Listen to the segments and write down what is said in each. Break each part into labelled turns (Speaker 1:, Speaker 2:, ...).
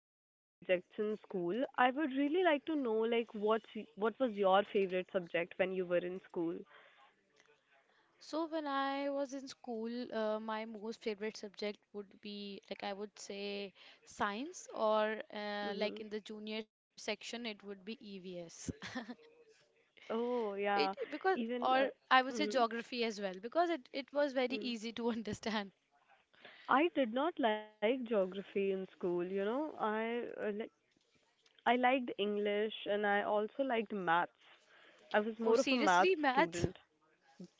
Speaker 1: favorite subjects in school, I would really like to know, what was your favorite subject when you were in school?
Speaker 2: So when I was in school, my most favorite subject would be like I would say science or like
Speaker 1: Mm-hmm.
Speaker 2: in the junior section it would be EVS.
Speaker 1: Oh, yeah.
Speaker 2: It because
Speaker 1: Even
Speaker 2: or I would say geography as well because it was very
Speaker 1: mm.
Speaker 2: easy to understand.
Speaker 1: I did not like geography in school. I like I liked English and I also liked maths. I was
Speaker 2: Oh
Speaker 1: more of a maths
Speaker 2: seriously, math?
Speaker 1: student.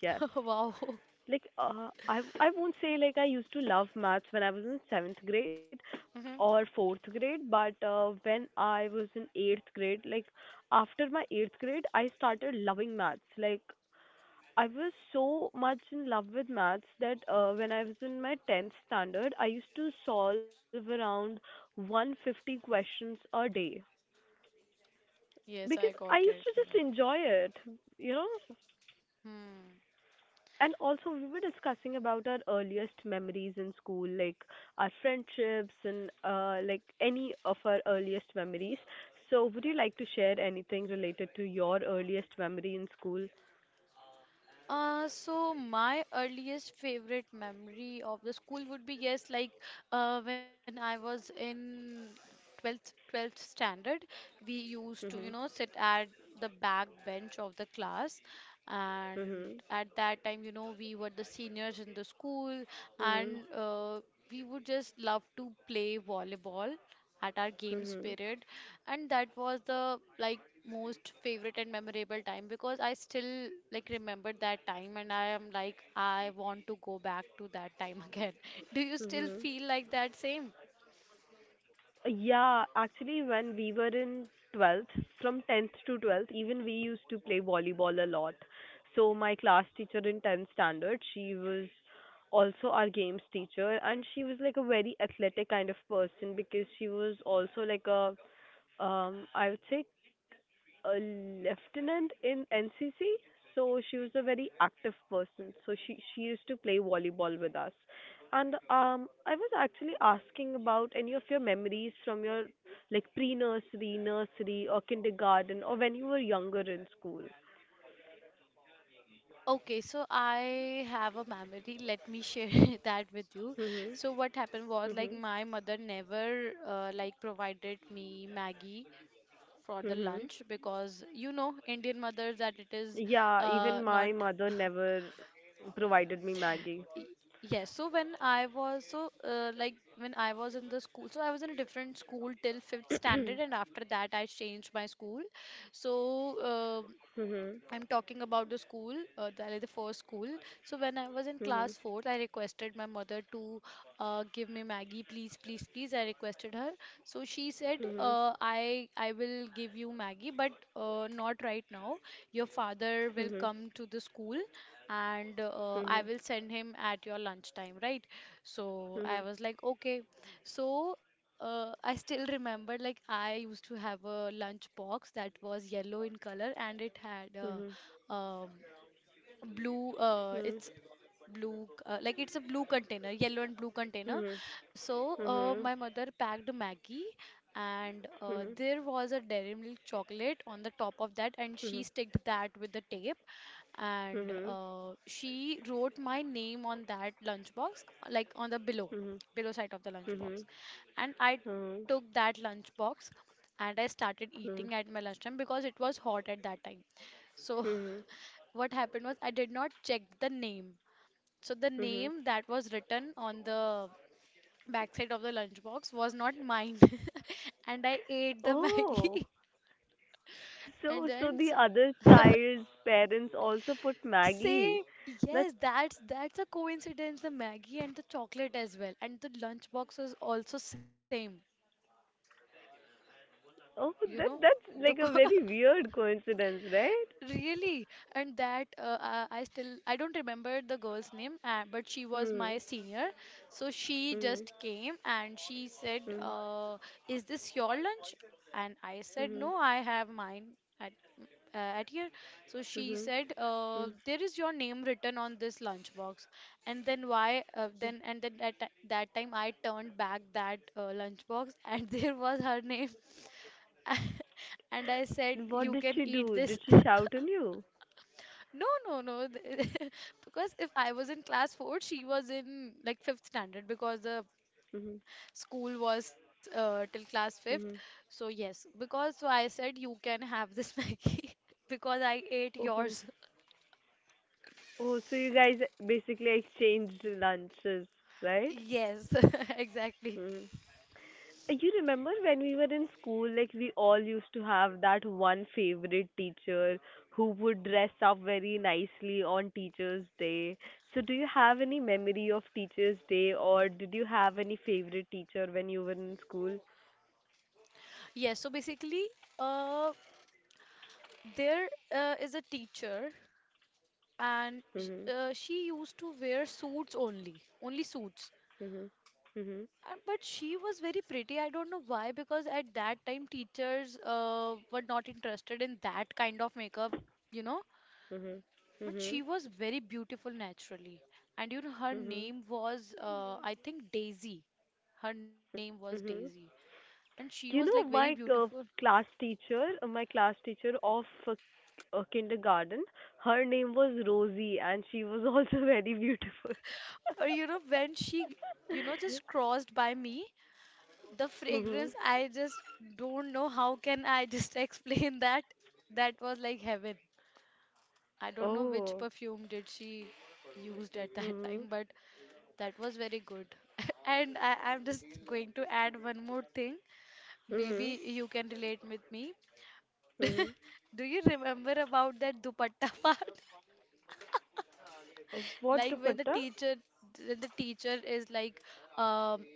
Speaker 1: Yes.
Speaker 2: Wow.
Speaker 1: Like I won't say like I used to love maths when I was in 7th grade,
Speaker 2: Mhm.
Speaker 1: or fourth grade, but when I was in eighth grade, like after my eighth grade, I started loving maths. Like I was so much in love with maths that when I was in my tenth standard, I used to solve around 150 questions a day
Speaker 2: Yes,
Speaker 1: because
Speaker 2: I
Speaker 1: I
Speaker 2: got
Speaker 1: used to
Speaker 2: it.
Speaker 1: just enjoy it, you know.
Speaker 2: Hmm.
Speaker 1: And also, we were discussing about our earliest memories in school, like our friendships and like any of our earliest memories. So, would you like to share anything related to your earliest memory in school?
Speaker 2: So my earliest favorite memory of the school would be yes, like when I was in 12th standard, we used to, you
Speaker 1: Mhm.
Speaker 2: know, sit at the back bench of the class and
Speaker 1: Mhm.
Speaker 2: at that time, you know, we were the seniors in the school
Speaker 1: Mhm.
Speaker 2: and we would just love to play volleyball at our games
Speaker 1: Mhm.
Speaker 2: period, and that was the like most favorite and memorable time because I still like remember that time and I am like I want to go back to that time again. Do you still
Speaker 1: Mhm.
Speaker 2: feel like that same?
Speaker 1: Yeah, actually, when we were in 12th, from 10th to 12th, even we used to play volleyball a lot. So, my class teacher in 10th standard, she was also our games teacher, and she was like a very athletic kind of person because she was also like a, I would say, a lieutenant in NCC, so she was a very active person. So she used to play volleyball with us. And I was actually asking about any of your memories from your like pre-nursery, nursery, or kindergarten, or when you were younger in school.
Speaker 2: Okay, so I have a memory, let me share that with you.
Speaker 1: Mhm.
Speaker 2: So what happened was like
Speaker 1: Mhm.
Speaker 2: my mother never like provided me Maggie for the
Speaker 1: Mhm.
Speaker 2: lunch because you know Indian mothers that it is
Speaker 1: Yeah, even
Speaker 2: not.
Speaker 1: my mother never provided me Maggie.
Speaker 2: Y- Yes, so when I was so like when I was in the school, so I was in a different school till fifth standard, and after that I changed my school. So uh,
Speaker 1: Mhm.
Speaker 2: I'm talking about the school, like the first school. So when I was in
Speaker 1: Mhm.
Speaker 2: class fourth, I requested my mother to give me Maggie, please, please, please. I requested her. So she said,
Speaker 1: Mhm.
Speaker 2: I will give you Maggie, but not right now. Your father will
Speaker 1: Mhm.
Speaker 2: come to the school, and I
Speaker 1: Mhm.
Speaker 2: will send him at your lunchtime, right? So I
Speaker 1: Mhm.
Speaker 2: was like, okay. So I still remember, like I used to have a lunch box that was yellow in color, and it had
Speaker 1: Mhm.
Speaker 2: um, blue
Speaker 1: Mhm.
Speaker 2: it's blue like it's a blue container, yellow and blue container.
Speaker 1: Mhm.
Speaker 2: So
Speaker 1: Mhm.
Speaker 2: my mother packed Maggie and
Speaker 1: Mhm.
Speaker 2: there was a Dairy Milk chocolate on the top of that and she
Speaker 1: Mhm.
Speaker 2: sticked that with the tape and
Speaker 1: Mhm.
Speaker 2: she wrote my name on that lunchbox, like on the below
Speaker 1: Mhm.
Speaker 2: side of the lunchbox,
Speaker 1: Mhm.
Speaker 2: and I took
Speaker 1: Mhm.
Speaker 2: that lunchbox and I started eating at
Speaker 1: Mhm.
Speaker 2: my lunchtime because it was hot at that time. So
Speaker 1: Mhm.
Speaker 2: what happened was I did not check the name. So the
Speaker 1: Mhm.
Speaker 2: name that was written on the backside of the lunchbox was not mine. And I ate the
Speaker 1: Oh,
Speaker 2: Maggie. And
Speaker 1: so
Speaker 2: then
Speaker 1: the
Speaker 2: s-
Speaker 1: other child's parents also put Maggie.
Speaker 2: same,
Speaker 1: That's
Speaker 2: yes, that's a coincidence, the Maggie and the chocolate as well. And the lunchbox was also same,
Speaker 1: oh that
Speaker 2: you know?
Speaker 1: that's like
Speaker 2: The
Speaker 1: a
Speaker 2: co-
Speaker 1: very weird coincidence, right?
Speaker 2: Really? And that I still I don't remember the girl's name, but she was my
Speaker 1: Hmm.
Speaker 2: senior. So she
Speaker 1: Hmm.
Speaker 2: just came and she said,
Speaker 1: Hmm.
Speaker 2: "Is this your lunch?" And I said,
Speaker 1: Mhm.
Speaker 2: "No, I have mine at m- at here." So she
Speaker 1: Mhm.
Speaker 2: said,
Speaker 1: Mhm.
Speaker 2: "There is your name written on this lunch box." And then why? Then at that ti- that time I turned back that lunch box and there was her name. And I
Speaker 1: Mhm.
Speaker 2: said,
Speaker 1: What
Speaker 2: "You
Speaker 1: did
Speaker 2: can
Speaker 1: she
Speaker 2: eat
Speaker 1: do?
Speaker 2: this."
Speaker 1: Did she shout on you?
Speaker 2: No, no, no. Th- Because if I was in class 4, she was in like fifth standard because the
Speaker 1: Mhm.
Speaker 2: school was till class fifth.
Speaker 1: Mhm.
Speaker 2: So, yes, because so I said you can have this Maggie because I ate
Speaker 1: Oh.
Speaker 2: yours.
Speaker 1: Oh, so you guys basically exchanged lunches, right?
Speaker 2: Yes, exactly.
Speaker 1: Hmm. You remember when we were in school, like we all used to have that one favorite teacher who would dress up very nicely on Teacher's Day. So, do you have any memory of Teacher's Day, or did you have any favorite teacher when you were in school?
Speaker 2: Yes, so basically, uh, there is a teacher and
Speaker 1: Mhm.
Speaker 2: she used to wear suits, only, only suits.
Speaker 1: Mhm. Mhm.
Speaker 2: But she was very pretty. I don't know why, because at that time teachers were not interested in that kind of makeup, you know.
Speaker 1: Mhm.
Speaker 2: But
Speaker 1: Mhm.
Speaker 2: she was very beautiful naturally. And you know, her
Speaker 1: Mhm.
Speaker 2: name was, I think, Daisy. Her name was
Speaker 1: Mhm.
Speaker 2: Daisy. And she
Speaker 1: You
Speaker 2: was
Speaker 1: know,
Speaker 2: like
Speaker 1: my
Speaker 2: very beautiful.
Speaker 1: my class teacher of A kindergarten. Her name was Rosie, and she was also very beautiful.
Speaker 2: Or, you know, when she, you know, just crossed by me, the
Speaker 1: mhm.
Speaker 2: fragrance, I just don't know how can I just explain that. That was like heaven. I don't know which
Speaker 1: Oh.
Speaker 2: perfume did she used at that
Speaker 1: Mhm.
Speaker 2: time, but that was very good. And I'm just going to add one more thing.
Speaker 1: Mhm.
Speaker 2: Maybe you can relate with me.
Speaker 1: Mhm.
Speaker 2: Do you remember about that dupatta part?
Speaker 1: What
Speaker 2: Like
Speaker 1: dupatta?
Speaker 2: when the teacher is like, um,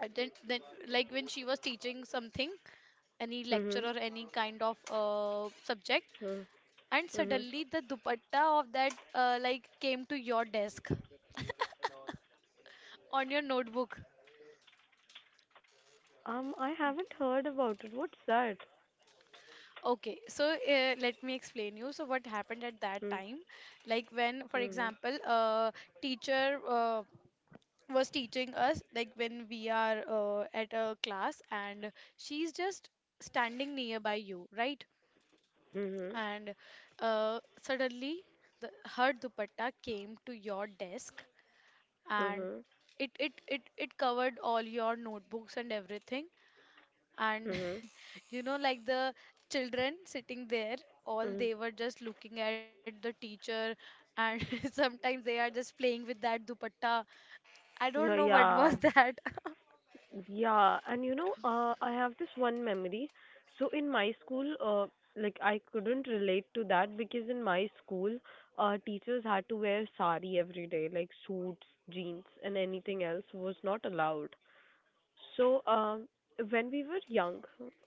Speaker 2: then like when she was teaching something, any lecture
Speaker 1: Mhm.
Speaker 2: or any kind of subject,
Speaker 1: Mhm.
Speaker 2: and
Speaker 1: Mhm.
Speaker 2: suddenly the dupatta of that like came to your desk, on your notebook.
Speaker 1: I haven't heard about it. What's that?
Speaker 2: Okay, so let me explain you. So what happened at that time,
Speaker 1: Mhm.
Speaker 2: like when, for
Speaker 1: Mhm.
Speaker 2: example, a teacher was teaching us, like when we are at a class and she's just standing nearby you, right?
Speaker 1: Mhm.
Speaker 2: And suddenly her dupatta came to your desk, and
Speaker 1: Mhm.
Speaker 2: it covered all your notebooks and everything, and
Speaker 1: Mhm.
Speaker 2: you know like the children sitting there, all
Speaker 1: Mhm.
Speaker 2: they were just looking at the teacher, and sometimes they are just playing with that dupatta. I don't
Speaker 1: Yeah.
Speaker 2: know what
Speaker 1: yeah.
Speaker 2: was that.
Speaker 1: Yeah, and you know, I have this one memory. So in my school, like I couldn't relate to that because in my school, teachers had to wear sari every day, like suits, jeans, and anything else was not allowed. So, when we were young,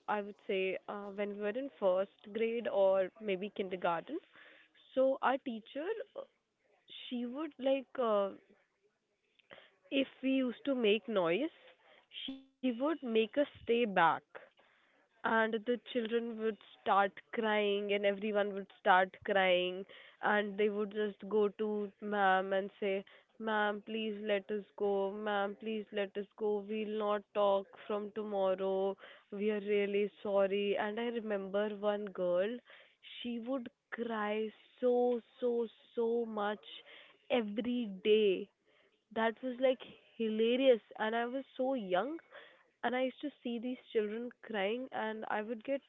Speaker 1: I would say, when we were in first grade or maybe kindergarten, so our teacher, uh, she would if we used to make noise, she would make us stay back and the children would start crying and everyone would start crying and they would just go to ma'am and say ma'am please let us go ma'am please let us go we'll not talk from tomorrow we are really sorry and I remember one girl she would cry so so much every day that was like hilarious and I was so young and I used to see these children crying, and I would get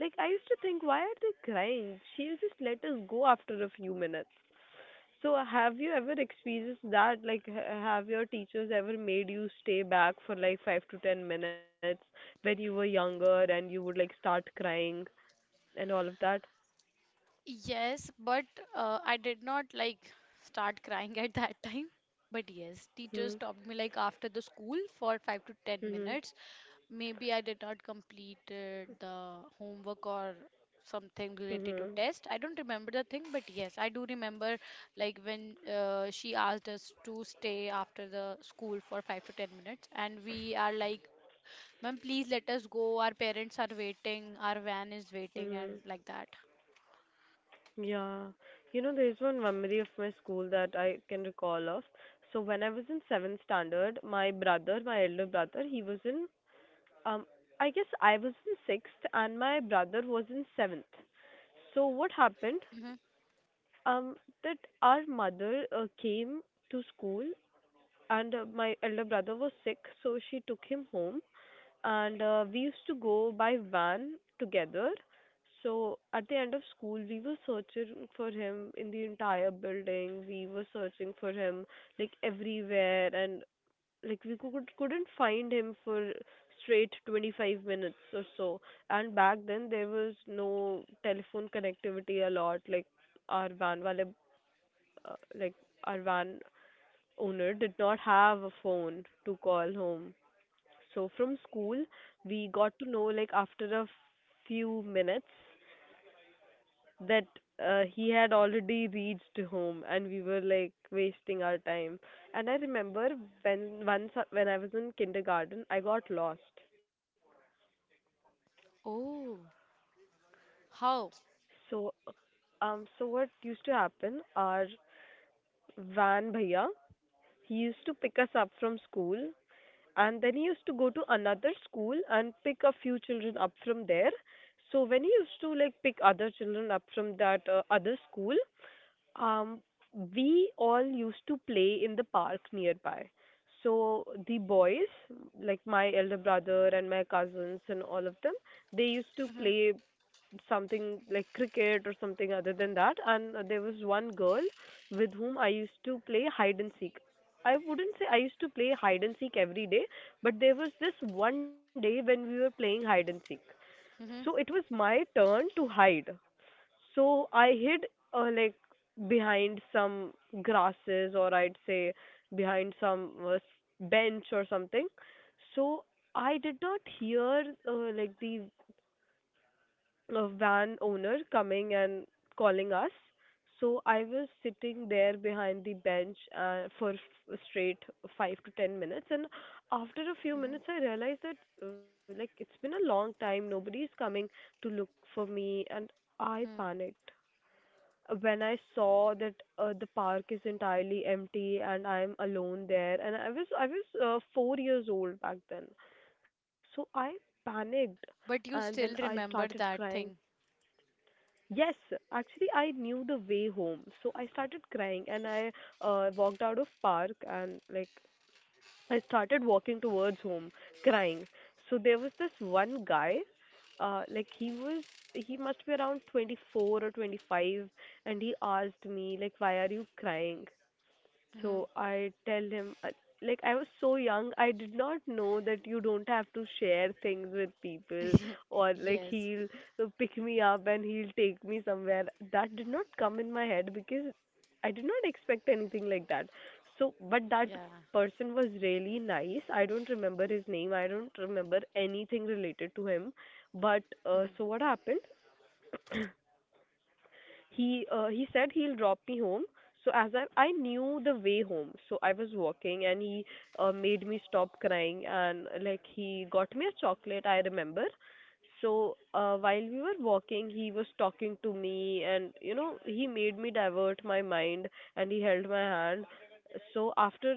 Speaker 1: like I used to think, why are they crying? She'll just let us go after a few minutes. So have you ever experienced that? Like, have your teachers ever made you stay back for like 5 to 10 minutes when you were younger, and you would like start crying and all of that?
Speaker 2: Yes, but I did not like start crying at that time, but yes, teacher
Speaker 1: Hmm.
Speaker 2: stopped me like after the school for 5 to 10 minutes.
Speaker 1: Hmm.
Speaker 2: Maybe I did not completed the homework or something related to
Speaker 1: Hmm.
Speaker 2: test. I don't remember the thing, but yes, I do remember like when she asked us to stay after the school for 5 to 10 minutes, and we are like, "Ma'am, please let us go. Our parents are waiting. Our van is waiting," and
Speaker 1: Hmm.
Speaker 2: like that.
Speaker 1: Yeah. You know, there's one memory of my school that I can recall of. So when I was in seventh standard, my brother, my elder brother, he was in um I guess I was in sixth and my brother was in seventh. So what happened?
Speaker 2: Hmm.
Speaker 1: Um, that our mother came to school and my elder brother was sick, so she took him home and we used to go by van together. So at the end of school, we were searching for him in the entire building. We were searching for him like everywhere, and like we couldn't find him for straight 25 minutes or so. And back then there was no telephone connectivity a lot. Like our van wale, uh, like our van owner did not have a phone to call home. So from school, we got to know like after a few minutes that he had already reached home and we were like wasting our time. And I remember when once when I was in kindergarten, I got lost.
Speaker 2: Oh, how?
Speaker 1: So so what used to happen our van bhaiya, he used to pick us up from school. And then he used to go to another school and pick a few children up from there. So when he used to like pick other children up from that other school, um, we all used to play in the park nearby. So the boys, like my elder brother and my cousins and all of them, they used to
Speaker 2: Hmm.
Speaker 1: play something like cricket or something other than that and there was one girl with whom I used to play hide and seek. I wouldn't say I used to play hide and seek every day, but there was this one day when we were playing hide and seek. So it
Speaker 2: Hmm.
Speaker 1: was my turn to hide. So I hid like behind some grasses or I'd say behind some bench or something. So I did not hear like the a van owner coming and calling us. So I was sitting there behind the bench for straight 5 to 10 minutes, and after a few
Speaker 2: Hmm.
Speaker 1: minutes, I realized that like it's been a long time, nobody's coming to look for me, and I
Speaker 2: Hmm.
Speaker 1: panicked when I saw that the park is entirely empty and I'm alone there. And I was 4 years old back then, so I panicked
Speaker 2: But
Speaker 1: and
Speaker 2: you
Speaker 1: then
Speaker 2: still
Speaker 1: I started
Speaker 2: remember that
Speaker 1: crying.
Speaker 2: thing.
Speaker 1: Yes, actually, I knew the way home, so I started crying and I walked out of park and like I started walking towards home, crying. So there was this one guy, uh, like he was he must be around 24 or 25, and he asked me like, "Why are you crying?"
Speaker 2: Hmm.
Speaker 1: So I tell him, like, I was so young, I did not know that you don't have to share things with people, or like,
Speaker 2: Yes.
Speaker 1: he'll pick me up and he'll take me somewhere. That did not come in my head because I did not expect anything like that. So, but that
Speaker 2: Yeah.
Speaker 1: person was really nice. I don't remember his name, I don't remember anything related to him. But,
Speaker 2: Hmm.
Speaker 1: so what happened? He said he'll drop me home. So as I knew the way home, so I was walking and he made me stop crying and like he got me a chocolate. I remember. So while we were walking, he was talking to me and you know he made me divert my mind and he held my hand. So after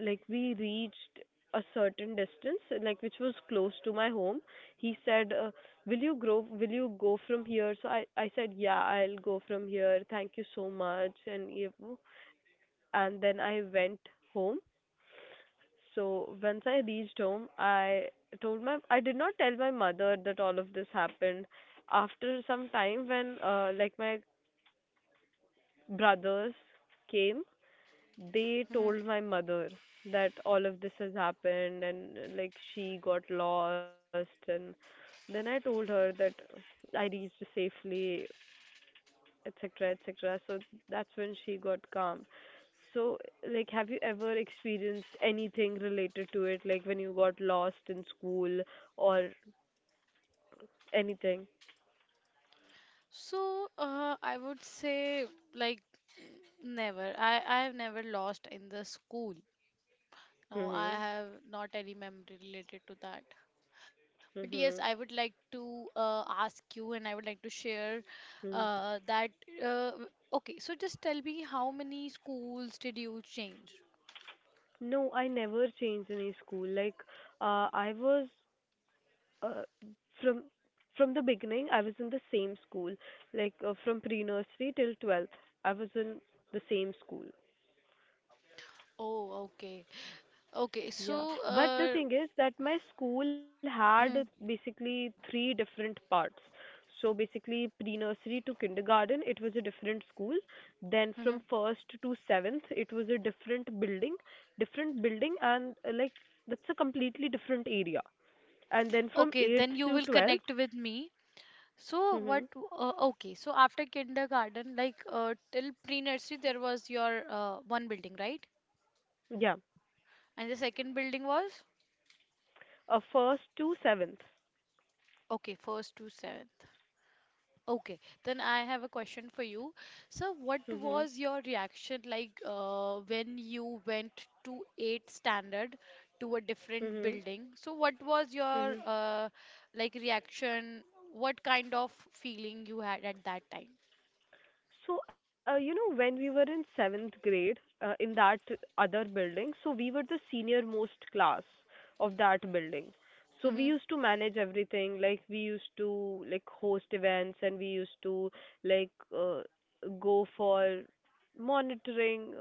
Speaker 1: like we reached a certain distance, like which was close to my home, he said, "Will you grow? Will you go from here?" So I said, "Yeah, I'll go from here. Thank you so much." And you know, and then I went home. So once I reached home, I did not tell my mother that all of this happened. After some time, when like my brothers came they
Speaker 2: Hmm.
Speaker 1: told my mother that all of this has happened and like she got lost and then I told her that I reached safely, etc., etc. So that's when she got calm. So like, have you ever experienced anything related to it, like when you got lost in school or anything?
Speaker 2: So, I would say like never. I have never lost in the school. No, I
Speaker 1: Mhm.
Speaker 2: have not any memory related to that. But yes, I would
Speaker 1: Mhm.
Speaker 2: like to ask you, and I would like to share
Speaker 1: Mm.
Speaker 2: that. Uh, w- okay, so just tell me how many schools did you change?
Speaker 1: No, I never changed any school. Like, I was uh, from the beginning I was in the same school, like from pre-nursery till 12th, I was in the same school.
Speaker 2: Oh, okay, okay.
Speaker 1: Yeah, but the thing is that my school had basically three different parts. So basically, pre-nursery to kindergarten, it was a different school. Then
Speaker 2: Mhm.
Speaker 1: from first to seventh, it was a different different building, and like that's a completely different area. And then from
Speaker 2: Okay,
Speaker 1: eighth
Speaker 2: then you
Speaker 1: to
Speaker 2: will
Speaker 1: 12th,
Speaker 2: connect with me. So
Speaker 1: mm-hmm,
Speaker 2: what? Okay. So after kindergarten, like till pre-nursery, there was your one building, right?
Speaker 1: yeah,
Speaker 2: And the second building was
Speaker 1: a first to seventh.
Speaker 2: okay, first to seventh. Okay. Then I have a question for you. So what
Speaker 1: Mhm.
Speaker 2: was your reaction like when you went to eighth standard, to a different
Speaker 1: Mhm.
Speaker 2: building? So what was your
Speaker 1: Mhm.
Speaker 2: like reaction? What kind of feeling you had at that time?
Speaker 1: So when we were in seventh grade, in that other building, so we were the senior most class of that building. So we
Speaker 2: Hmm.
Speaker 1: used to manage everything, like we used to like host events and we used to like uh, go for monitoring,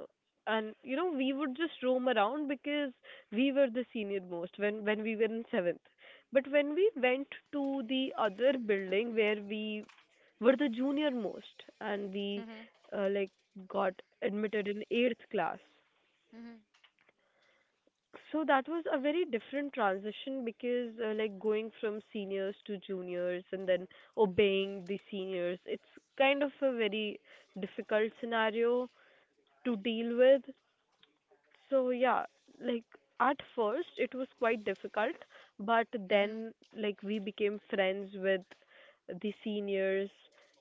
Speaker 1: and you know we would just roam around because we were the senior most when we were in seventh. But when we went to the other building where we were the junior most, and we
Speaker 2: Hmm.
Speaker 1: like got admitted in 8th class,
Speaker 2: Hmm.
Speaker 1: so that was a very different transition because like going from seniors to juniors and then obeying the seniors, it's kind of a very difficult scenario to deal with. So yeah, like at first it was quite difficult, but
Speaker 2: Hmm.
Speaker 1: then like we became friends with the seniors,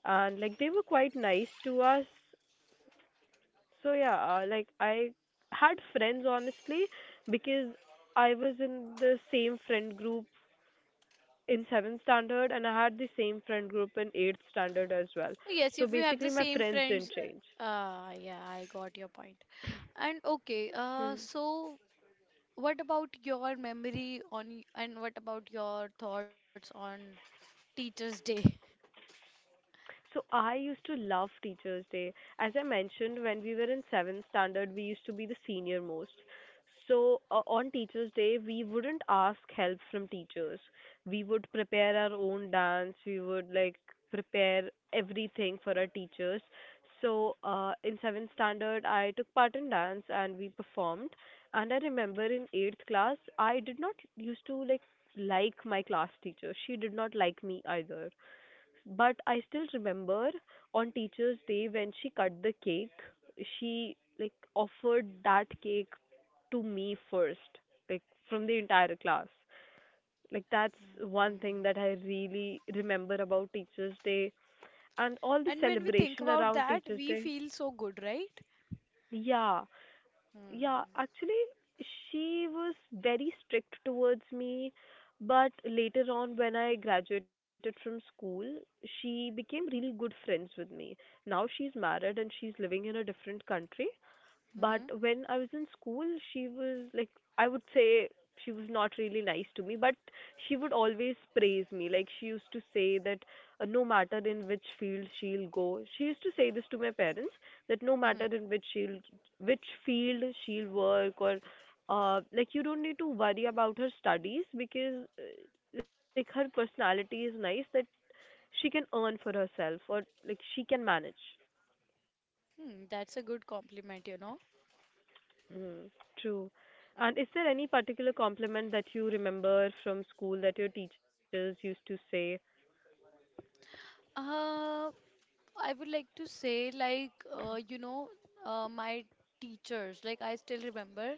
Speaker 1: and like they were quite nice to us. So yeah, like I had friends honestly, because I was in the same friend group in seventh standard, and I had the same friend group in eighth standard as well.
Speaker 2: Oh, yes,
Speaker 1: So
Speaker 2: if you have the
Speaker 1: basically, my
Speaker 2: same
Speaker 1: friends didn't
Speaker 2: friends,
Speaker 1: change.
Speaker 2: yeah, I got your point. And okay,
Speaker 1: Hmm.
Speaker 2: so what about your memory on y- and what about your thoughts on Teachers' Day?
Speaker 1: So I used to love Teachers' Day. As I mentioned, when we were in seventh standard, we used to be the senior most. So on Teachers' Day, we wouldn't ask help from teachers. We would prepare our own dance. We would like prepare everything for our teachers. So in seventh standard, I took part in dance and we performed. And I remember in eighth class, I did not used to like my class teacher. She did not like me either. But I still remember, on Teacher's Day, when she cut the cake, she like offered that cake to me first, like from the entire class. Like that's
Speaker 2: Mm.
Speaker 1: one thing that I really remember about Teacher's Day and all the
Speaker 2: And when we think
Speaker 1: celebration
Speaker 2: about
Speaker 1: around
Speaker 2: that,
Speaker 1: Teacher's
Speaker 2: we
Speaker 1: Day.
Speaker 2: feel so good, right?
Speaker 1: Yeah, yeah,
Speaker 2: Mm-hmm.
Speaker 1: actually, she was very strict towards me, but later on, when I graduated from school, she became really good friends with me. Now she's married and she's living in a different country, but when I was in school, she was like, I would say she was not really nice to me, but she would always praise me. Like, she used to say that no matter in which field she'll go, she used to say this to my parents that no matter
Speaker 2: Mm-hmm.
Speaker 1: in which she'll, which field she'll work or, like, you don't need to worry about her studies because, like, her personality is nice, that she can earn for herself, or like she can manage.
Speaker 2: Hmm, that's a good compliment, you know.
Speaker 1: Mm, true. And is there any particular compliment that you remember from school that your teachers used to say?
Speaker 2: Uh, I would like to say, like, you know, my teachers, like, I still remember.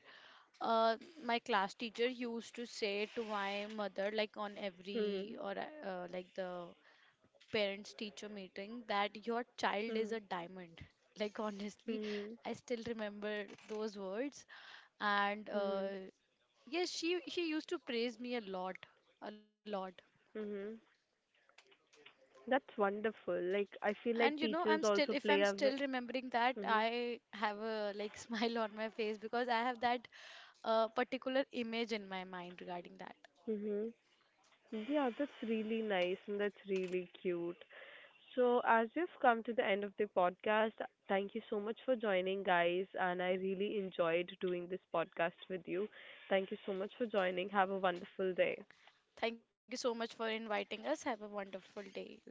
Speaker 2: Uh, my class teacher used to say to my mother, like on
Speaker 1: Mm-hmm.
Speaker 2: every or like the parents teacher meeting, that your child is a diamond. Like honestly,
Speaker 1: Mm-hmm.
Speaker 2: I still remember those words. And
Speaker 1: Mm-hmm.
Speaker 2: yes, she used to praise me a lot, a lot.
Speaker 1: Mm-hmm. That's wonderful. Like I feel like
Speaker 2: And you know,
Speaker 1: teachers
Speaker 2: I'm still
Speaker 1: also
Speaker 2: if
Speaker 1: play
Speaker 2: I'm
Speaker 1: a ve-
Speaker 2: still remembering that,
Speaker 1: mhm.
Speaker 2: I have a like smile on my face because I have that particular image in my mind regarding that.
Speaker 1: Mhm. Yeah, that's really nice and that's really cute. So as we've come to the end of the podcast, thank you so much for joining guys, and I really enjoyed doing this podcast with you. Thank you so much for joining. Have a wonderful day.
Speaker 2: Thank you so much for inviting us. Have a wonderful day, you too.